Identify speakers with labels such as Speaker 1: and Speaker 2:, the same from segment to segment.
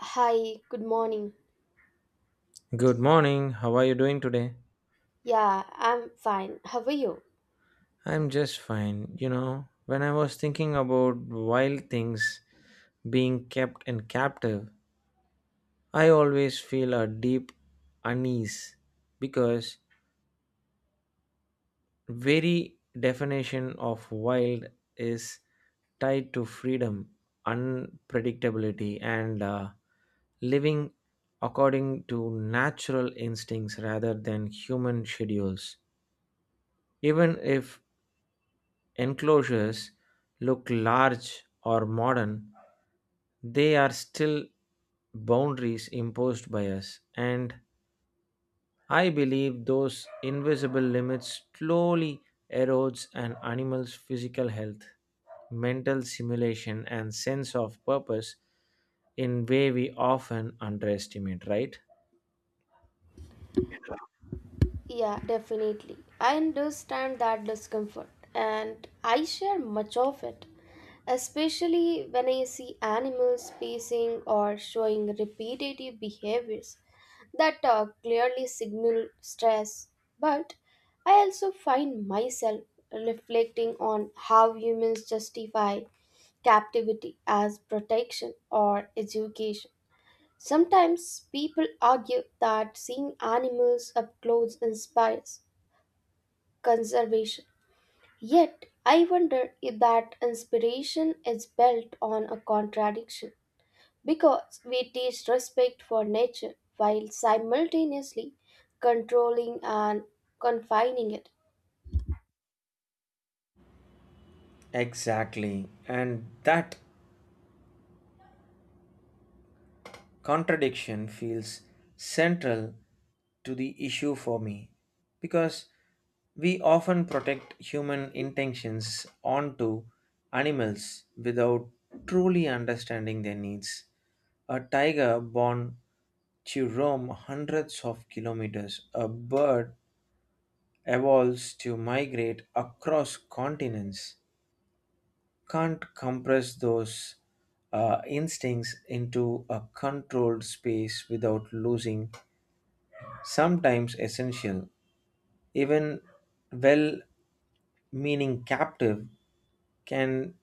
Speaker 1: Hi, good morning.
Speaker 2: Good morning. How are you doing today?
Speaker 1: Yeah, I'm fine. How are you?
Speaker 2: I'm just fine. You know, when I was thinking about wild things being kept and captive, I always feel a deep unease because very definition of wild is tied to freedom, unpredictability and living according to natural instincts rather than human schedules. Even if enclosures look large or modern, they are still boundaries imposed by us. And I believe those invisible limits slowly erodes an animal's physical health, mental simulation, and sense of purpose in way we often underestimate, right?
Speaker 1: Yeah, definitely. I understand that discomfort and I share much of it, especially when I see animals pacing or showing repetitive behaviors that clearly signal stress. But I also find myself reflecting on how humans justify captivity as protection or education. Sometimes people argue that seeing animals up close inspires conservation. Yet, I wonder if that inspiration is built on a contradiction because we teach respect for nature while simultaneously controlling and confining it.
Speaker 2: Exactly. And that contradiction feels central to the issue for me because we often protect human intentions onto animals without truly understanding their needs. A tiger born to roam hundreds of kilometers, a bird evolves to migrate across continents, can't compress those instincts into a controlled space without losing sometimes essential, even well meaning captive can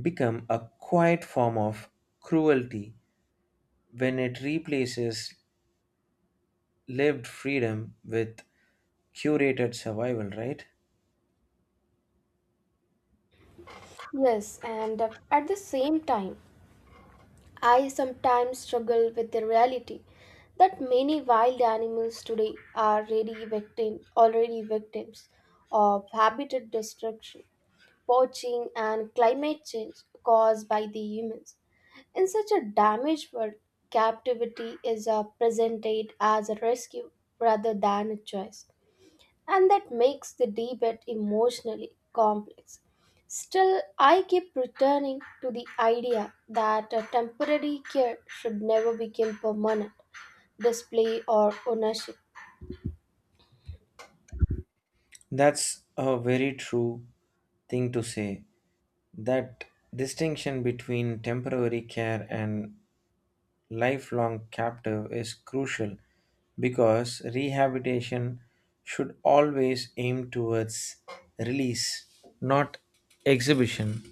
Speaker 2: become a quiet form of cruelty when it replaces lived freedom with curated survival, right?
Speaker 1: Yes, and at the same time, I sometimes struggle with the reality that many wild animals today are already victims of habitat destruction, poaching, and climate change caused by the humans. In such a damaged world, captivity is presented as a rescue rather than a choice, and that makes the debate emotionally complex. Still, I keep returning to the idea that a temporary care should never become permanent display or ownership.
Speaker 2: That's a very true thing to say that distinction between temporary care and lifelong captive is crucial because rehabilitation should always aim towards release, not exhibition.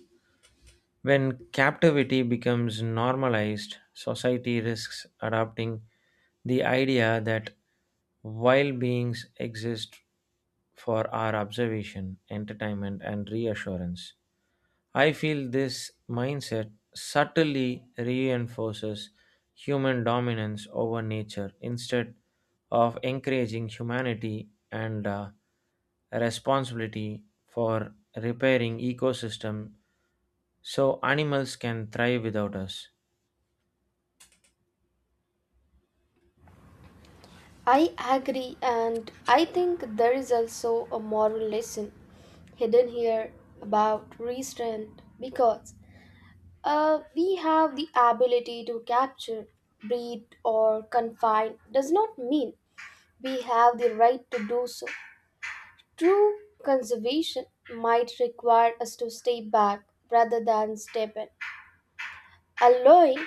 Speaker 2: When captivity becomes normalized, society risks adopting the idea that wild beings exist for our observation, entertainment, and reassurance. I feel this mindset subtly reinforces human dominance over nature instead of encouraging humanity and responsibility for repairing ecosystem so animals can thrive without us.
Speaker 1: I agree, and I think there is also a moral lesson hidden here about restraint because we have the ability to capture, breed, or confine does not mean we have the right to do so. True conservation might require us to stay back rather than step in, allowing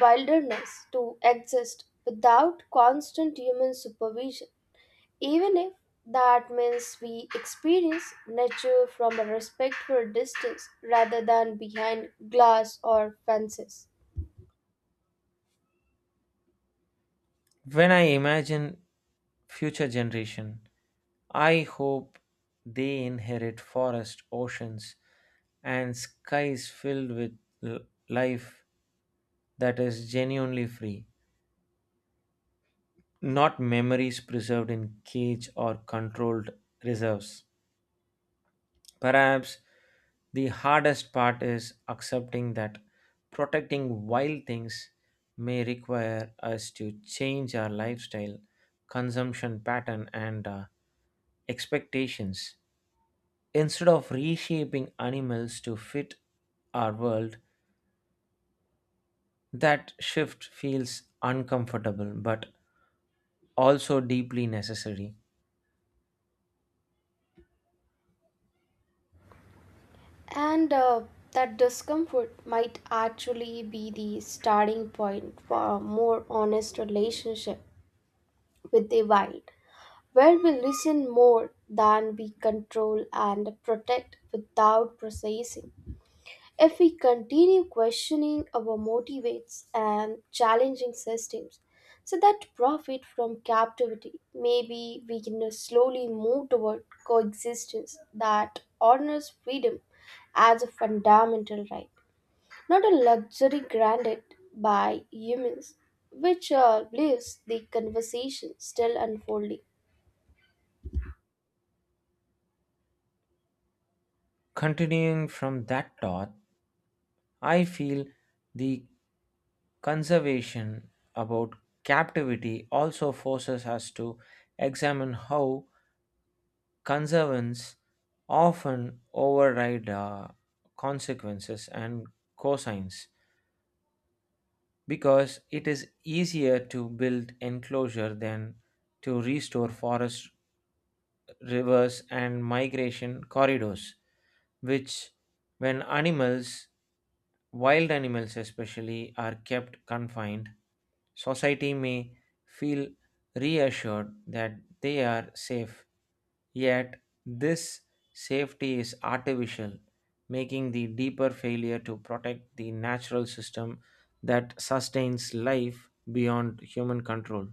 Speaker 1: wilderness to exist without constant human supervision, even if that means we experience nature from a respectful distance rather than behind glass or fences.
Speaker 2: When I imagine future generation, I hope they inherit forest, oceans, and skies filled with l- life that is genuinely free, not memories preserved in cage or controlled reserves. Perhaps the hardest part is accepting that protecting wild things may require us to change our lifestyle, consumption pattern, and expectations. Instead of reshaping animals to fit our world, that shift feels uncomfortable but also deeply necessary.
Speaker 1: And That discomfort might actually be the starting point for a more honest relationship with the wild, where we listen more than we control and protect without processing. If we continue questioning our motivates and challenging systems, so that profit from captivity, maybe we can slowly move toward coexistence that honors freedom as a fundamental right, not a luxury granted by humans, which leaves the conversation still unfolding.
Speaker 2: Continuing from that thought, I feel the conservation about captivity also forces us to examine how conservance often override consequences and cosines because it is easier to build enclosure than to restore forest rivers, and migration corridors, which, when animals, wild animals especially, are kept confined, society may feel reassured that they are safe. Yet, this safety is artificial, making the deeper failure to protect the natural system that sustains life beyond human control.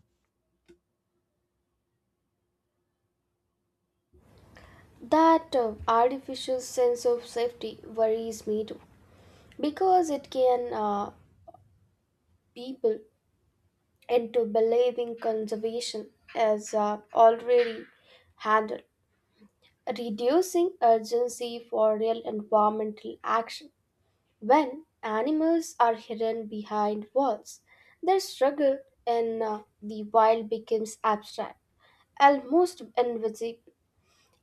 Speaker 1: That artificial sense of safety worries me too, because it can people into believing conservation is already handled, reducing urgency for real environmental action. When animals are hidden behind walls, their struggle in the wild becomes abstract, almost invisible.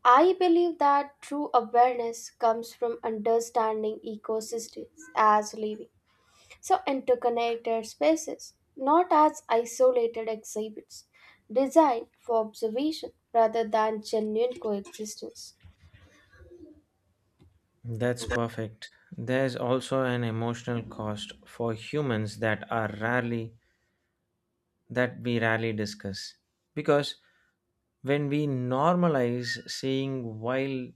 Speaker 1: I believe that true awareness comes from understanding ecosystems as living, so interconnected spaces, not as isolated exhibits, designed for observation rather than genuine coexistence.
Speaker 2: That's perfect. There's also an emotional cost for humans that we rarely discuss. Because when we normalize seeing wild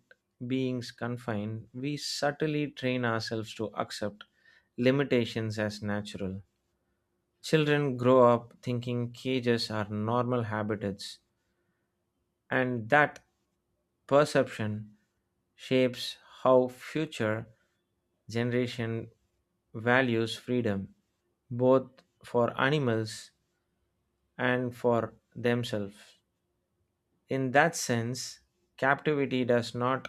Speaker 2: beings confined, we subtly train ourselves to accept limitations as natural. Children grow up thinking cages are normal habitats, and that perception shapes how future generation values freedom, both for animals and for themselves. In that sense, captivity does not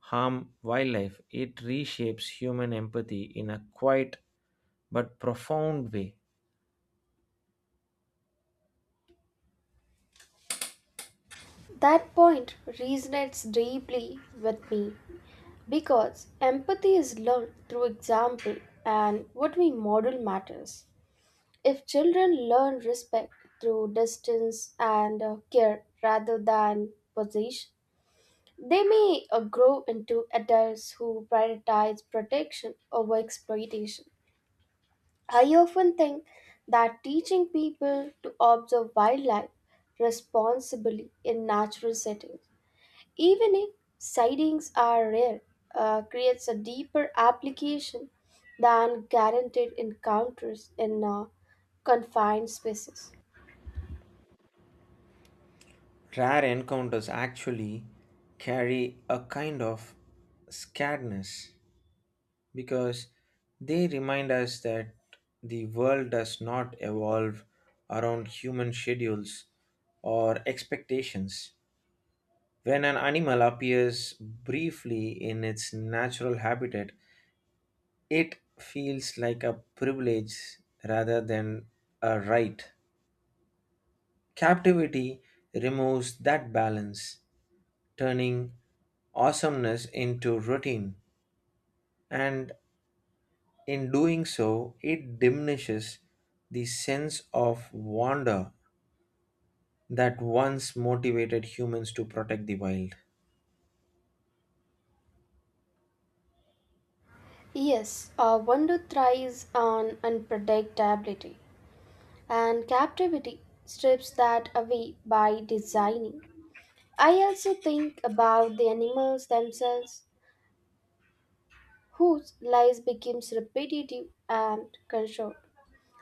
Speaker 2: harm wildlife, it reshapes human empathy in a quiet but profound way.
Speaker 1: That point resonates deeply with me because empathy is learned through example and what we model matters. If children learn respect through distance and care rather than possession, they may grow into adults who prioritize protection over exploitation. I often think that teaching people to observe wildlife responsibly in natural settings, even if sightings are rare, creates a deeper application than guaranteed encounters in confined spaces.
Speaker 2: Rare encounters actually carry a kind of scaredness because they remind us that the world does not evolve around human schedules or expectations. When an animal appears briefly in its natural habitat, it feels like a privilege rather than a right. Captivity removes that balance, turning awesomeness into routine. And in doing so, it diminishes the sense of wonder that once motivated humans to protect the wild.
Speaker 1: Yes, wonder thrives on unpredictability, and captivity strips that away by designing. I also think about the animals themselves, whose lives becomes repetitive and controlled,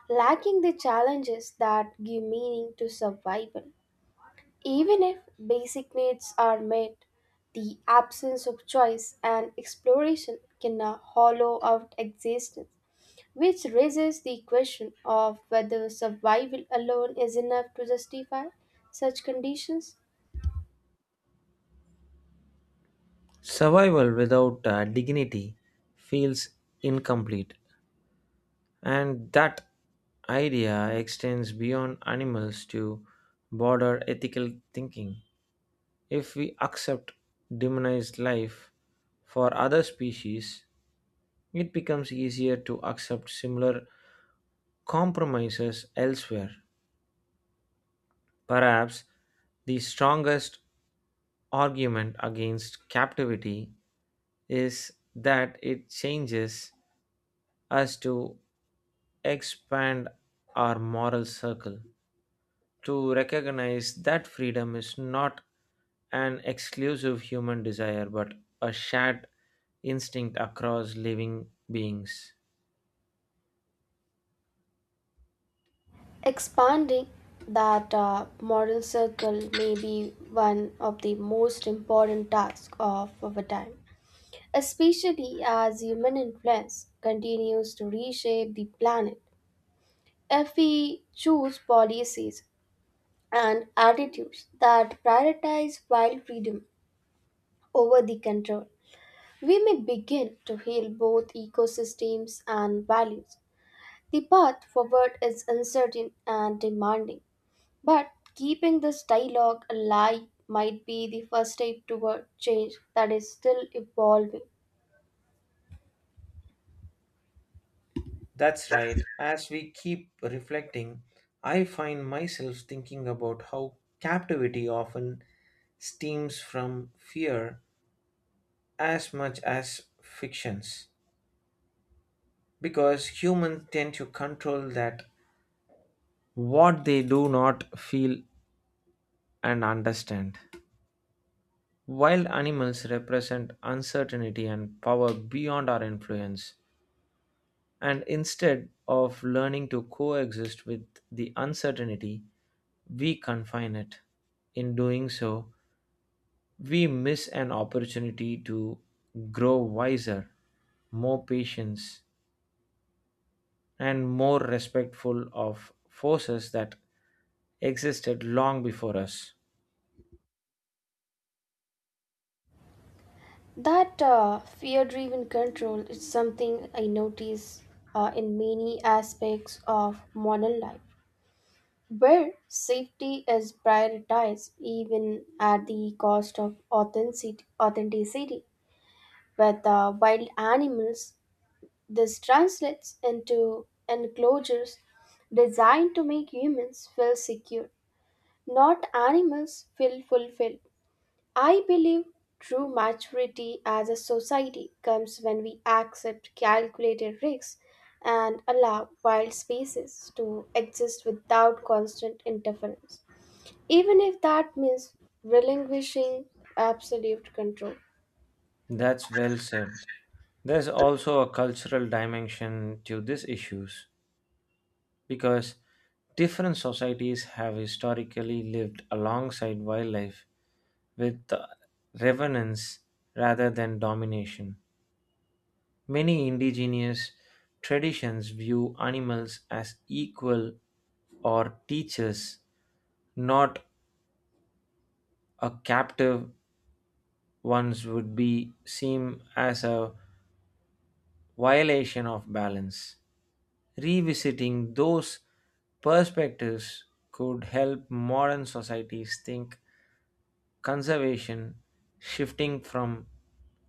Speaker 1: lacking the challenges that give meaning to survival. Even if basic needs are met, the absence of choice and exploration can hollow out existence, which raises the question of whether survival alone is enough to justify such conditions.
Speaker 2: Survival without dignity feels incomplete, and that idea extends beyond animals to broader ethical thinking. If we accept demonized life for other species, it becomes easier to accept similar compromises elsewhere. Perhaps the strongest argument against captivity is that it changes us to expand our moral circle, to recognize that freedom is not an exclusive human desire but a shared instinct across living beings.
Speaker 1: Expanding that moral circle may be one of the most important tasks of our time, especially as human influence continues to reshape the planet. If we choose policies and attitudes that prioritize wild freedom over the control, we may begin to heal both ecosystems and values. The path forward is uncertain and demanding, but keeping this dialogue alive might be the first step toward change that is still evolving.
Speaker 2: That's right. As we keep reflecting, I find myself thinking about how captivity often stems from fear as much as fictions. Because humans tend to control that what they do not feel and understand. While animals represent uncertainty and power beyond our influence, and instead of learning to coexist with the uncertainty, we confine it. In doing so, we miss an opportunity to grow wiser, more patience, and more respectful of forces that existed long before us.
Speaker 1: That fear driven control is something I notice in many aspects of modern life, where safety is prioritized even at the cost of authenticity. With wild animals, this translates into enclosures designed to make humans feel secure, not animals feel fulfilled. I believe true maturity as a society comes when we accept calculated risks and allow wild species to exist without constant interference, even if that means relinquishing absolute control.
Speaker 2: That's well said. There's also a cultural dimension to these issues because different societies have historically lived alongside wildlife with reverence rather than domination. Many indigenous traditions view animals as equal or teachers, not a captive ones would be seen as a violation of balance. Revisiting those perspectives could help modern societies think conservation shifting from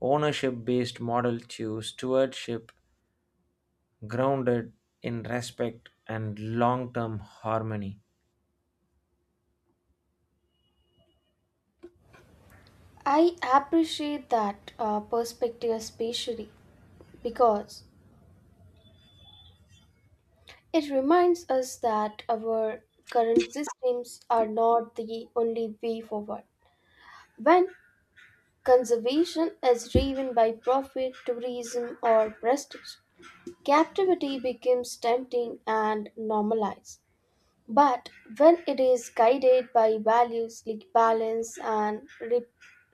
Speaker 2: ownership based model to stewardship grounded in respect and long term harmony.
Speaker 1: I appreciate that perspective especially because it reminds us that our current systems are not the only way forward. When conservation is driven by profit, tourism, or prestige, captivity becomes tempting and normalized. But when it is guided by values like balance and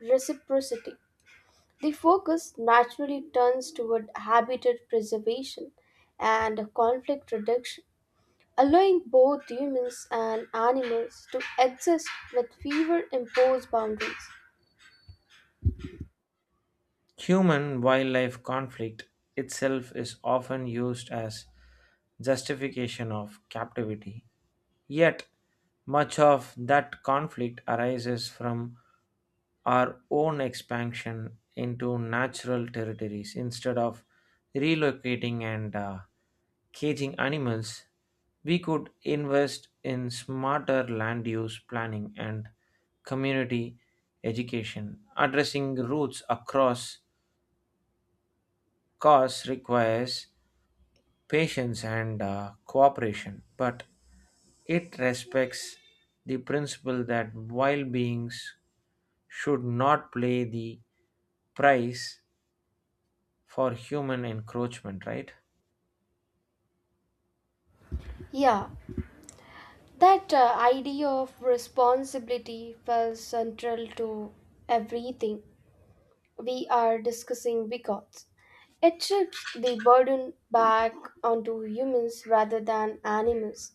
Speaker 1: reciprocity, the focus naturally turns toward habitat preservation and conflict reduction, allowing both humans and animals to exist with fewer imposed boundaries.
Speaker 2: Human wildlife conflict itself is often used as justification of captivity. Yet, much of that conflict arises from our own expansion into natural territories instead of relocating and caging animals we could invest in smarter land use planning and community education addressing roots across costs requires patience and cooperation, but it respects the principle that wild beings should not play the price for human encroachment, right?
Speaker 1: Yeah, that idea of responsibility felt central to everything we are discussing because it shifts the burden back onto humans rather than animals.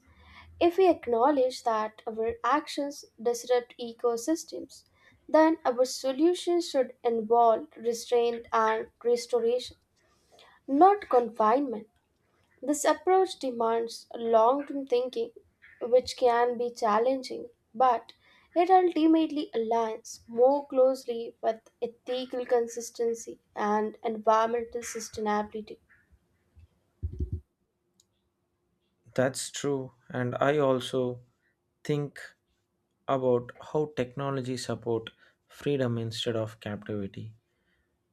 Speaker 1: If we acknowledge that our actions disrupt ecosystems, then our solutions should involve restraint and restoration, not confinement. This approach demands long term thinking, which can be challenging, but it ultimately aligns more closely with ethical consistency and environmental sustainability.
Speaker 2: That's true. And I also think about how technology support freedom instead of captivity.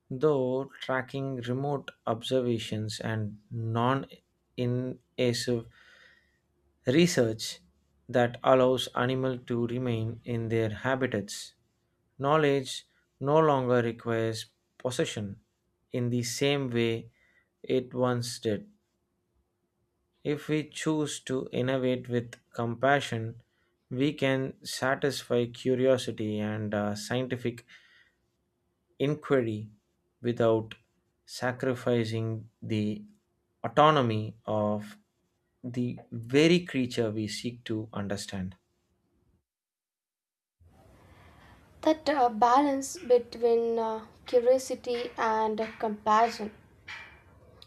Speaker 2: Though tracking remote observations and non invasive research that allows animals to remain in their habitats. Knowledge no longer requires possession in the same way it once did. If we choose to innovate with compassion, we can satisfy curiosity and scientific inquiry without sacrificing the autonomy of the very creature we seek to understand.
Speaker 1: That balance between curiosity and compassion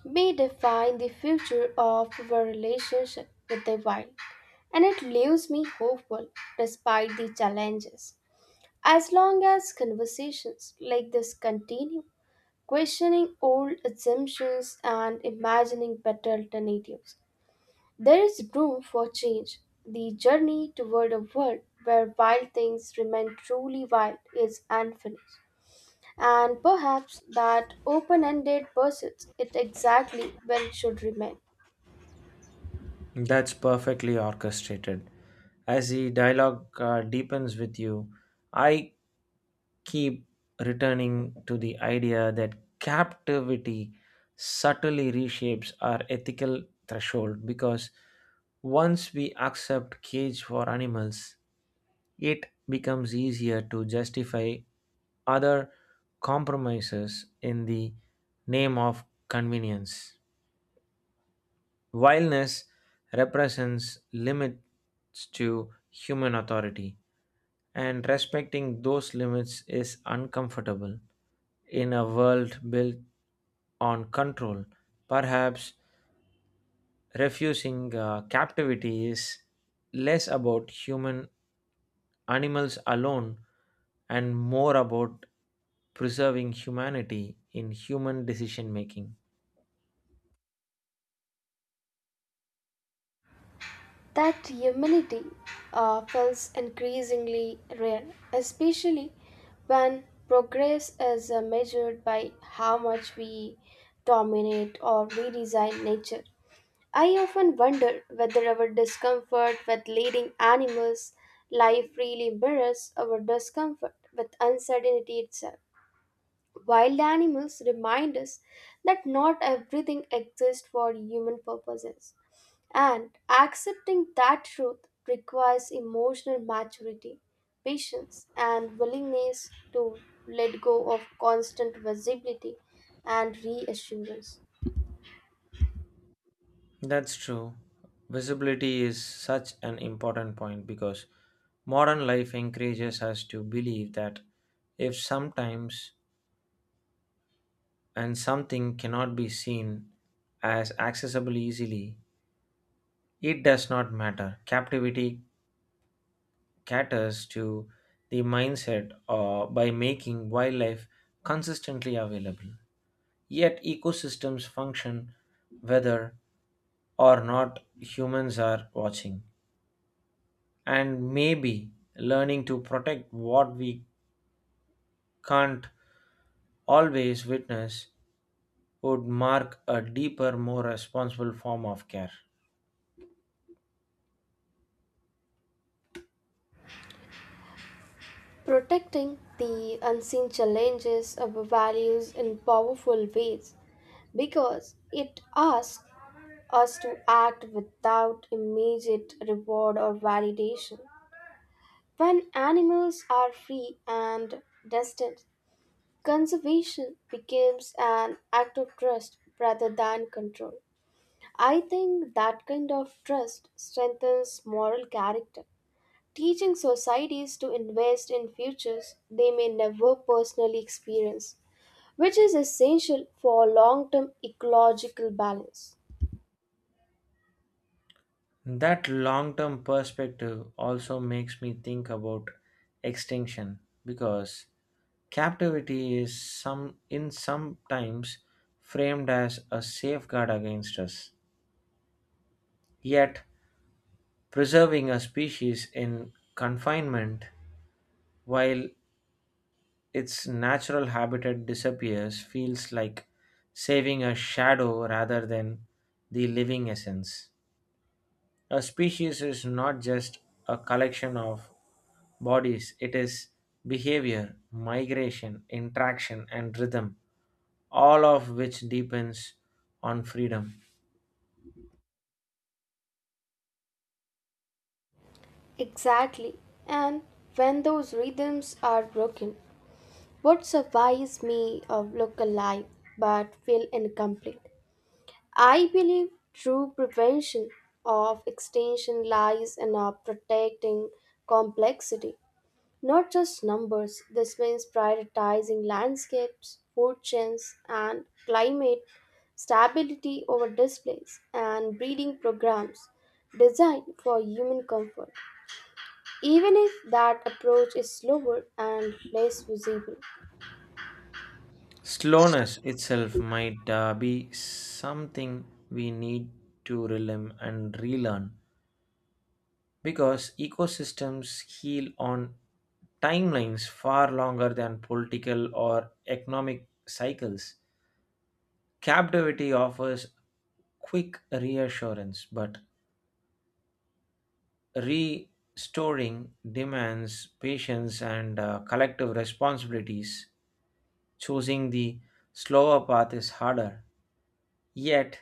Speaker 1: may define the future of our relationship with the wild, and it leaves me hopeful despite the challenges. As long as conversations like this continue, questioning old assumptions and imagining better alternatives, there is room for change. The journey toward a world where wild things remain truly wild is unfinished. And perhaps that open ended pursuit it exactly where it should remain.
Speaker 2: That's perfectly orchestrated. As the dialogue deepens with you, I keep returning to the idea that captivity subtly reshapes our ethical threshold because once we accept cage for animals, it becomes easier to justify other compromises in the name of convenience. Vileness represents limits to human authority, and respecting those limits is uncomfortable in a world built on control. Perhaps refusing captivity is less about human animals alone and more about preserving humanity in human decision making.
Speaker 1: That humility feels increasingly rare, especially when progress is measured by how much we dominate or redesign nature. I often wonder whether our discomfort with leading animals' life really mirrors our discomfort with uncertainty itself. Wild animals remind us that not everything exists for human purposes, and accepting that truth requires emotional maturity, patience, and willingness to let go of constant visibility and reassurance.
Speaker 2: That's true. Visibility is such an important point because modern life encourages us to believe that if sometimes and something cannot be seen as accessible easily, it does not matter. Captivity caters to the mindset by making wildlife consistently available. Yet ecosystems function whether or not humans are watching and maybe learning to protect what we can't always witness would mark a deeper, more responsible form of care.
Speaker 1: Protecting the unseen challenges of values in powerful ways because it asks us to act without immediate reward or validation. When animals are free and distant, conservation becomes an act of trust rather than control. I think that kind of trust strengthens moral character, teaching societies to invest in futures they may never personally experience, which is essential for long term ecological balance.
Speaker 2: That long term perspective also makes me think about extinction because captivity is sometimes framed as a safeguard against us. Yet preserving a species in confinement while its natural habitat disappears feels like saving a shadow rather than the living essence. A species is not just a collection of bodies, it is behavior, migration, interaction, and rhythm, all of which depends on freedom.
Speaker 1: Exactly. And when those rhythms are broken, what survives me of look alive but feel incomplete. I believe true prevention of extinction lies in our protecting complexity, not just numbers. This means prioritizing landscapes, food chains, and climate stability over displays and breeding programs designed for human comfort even if that approach is slower and less visible.
Speaker 2: Slowness itself might be something we need to relearn and relearn because ecosystems heal on timelines far longer than political or economic cycles. Captivity offers quick reassurance, but restoring demands patience and collective responsibilities. Choosing the slower path is harder, yet,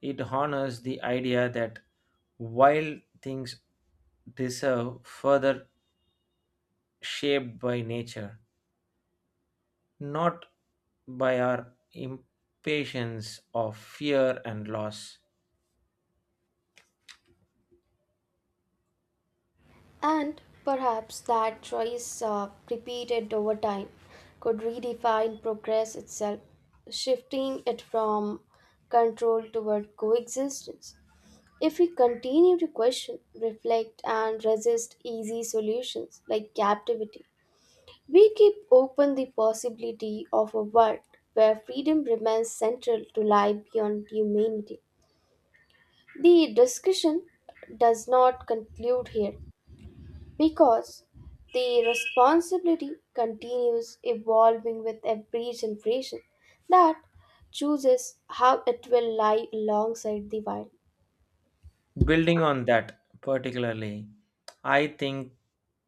Speaker 2: it honors the idea that wild things deserve further shaped by nature, not by our impatience of fear and loss.
Speaker 1: And perhaps that choice, repeated over time, could redefine progress itself, shifting it from control toward coexistence. If we continue to question, reflect, and resist easy solutions like captivity, we keep open the possibility of a world where freedom remains central to life beyond humanity. The discussion does not conclude here because the responsibility continues evolving with every generation that chooses how it will lie alongside the wild.
Speaker 2: Building on that, particularly, I think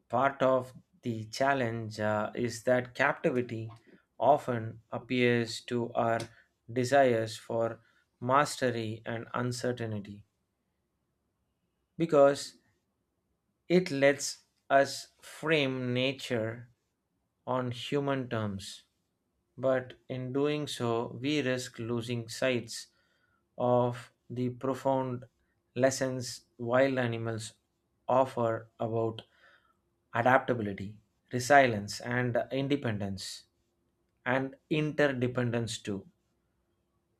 Speaker 2: part of the challenge is that captivity often appears to our desires for mastery and uncertainty because it lets us frame nature on human terms, but in doing so, we risk losing sight of the profound lessons wild animals offer about adaptability, resilience, and independence, and interdependence too.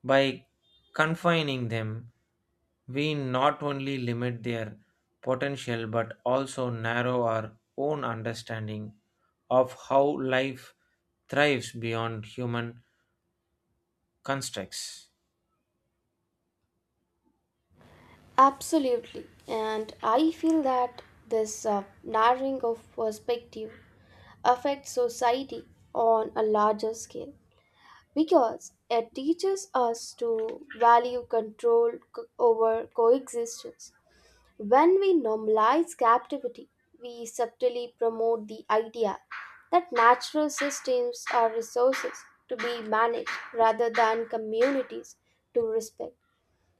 Speaker 2: By confining them, we not only limit their potential but also narrow our own understanding of how life thrives beyond human constructs.
Speaker 1: Absolutely, and I feel that this narrowing of perspective affects society on a larger scale because it teaches us to value over coexistence. When we normalize captivity, we subtly promote the idea that natural systems are resources to be managed rather than communities to respect.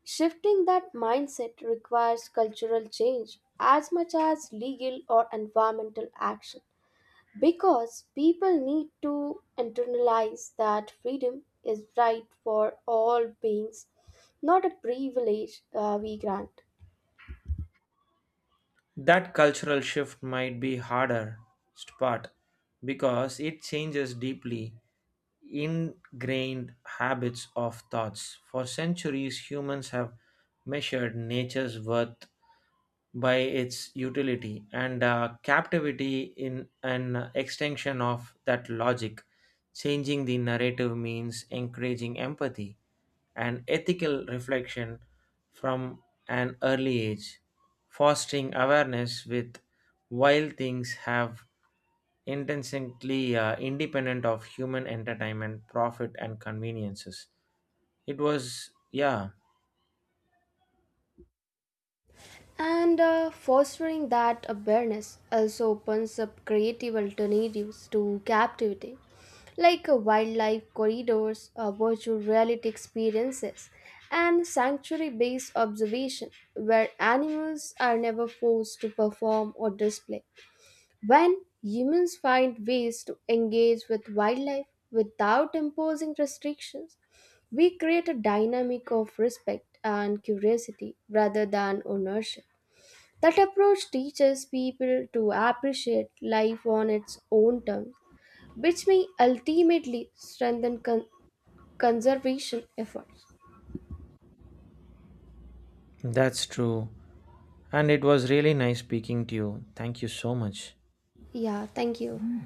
Speaker 1: Shifting that mindset requires cultural change as much as legal or environmental action because people need to internalize that freedom is right for all beings, not a privilege we grant.
Speaker 2: That cultural shift might be harder part because it changes deeply ingrained habits of thoughts. For centuries, humans have measured nature's worth by its utility and captivity in an extension of that logic changing the narrative means encouraging empathy and ethical reflection from an early age fostering awareness with while things have intensely independent of human entertainment profit and conveniences it was yeah
Speaker 1: And Fostering that awareness also opens up creative alternatives to captivity, like wildlife corridors, virtual reality experiences, and sanctuary based observation, where animals are never forced to perform or display. When humans find ways to engage with wildlife without imposing restrictions, we create a dynamic of respect and curiosity rather than ownership. That approach teaches people to appreciate life on its own terms, which may ultimately strengthen conservation efforts.
Speaker 2: that's true and it was really nice speaking to you thank you so much
Speaker 1: Yeah, thank you.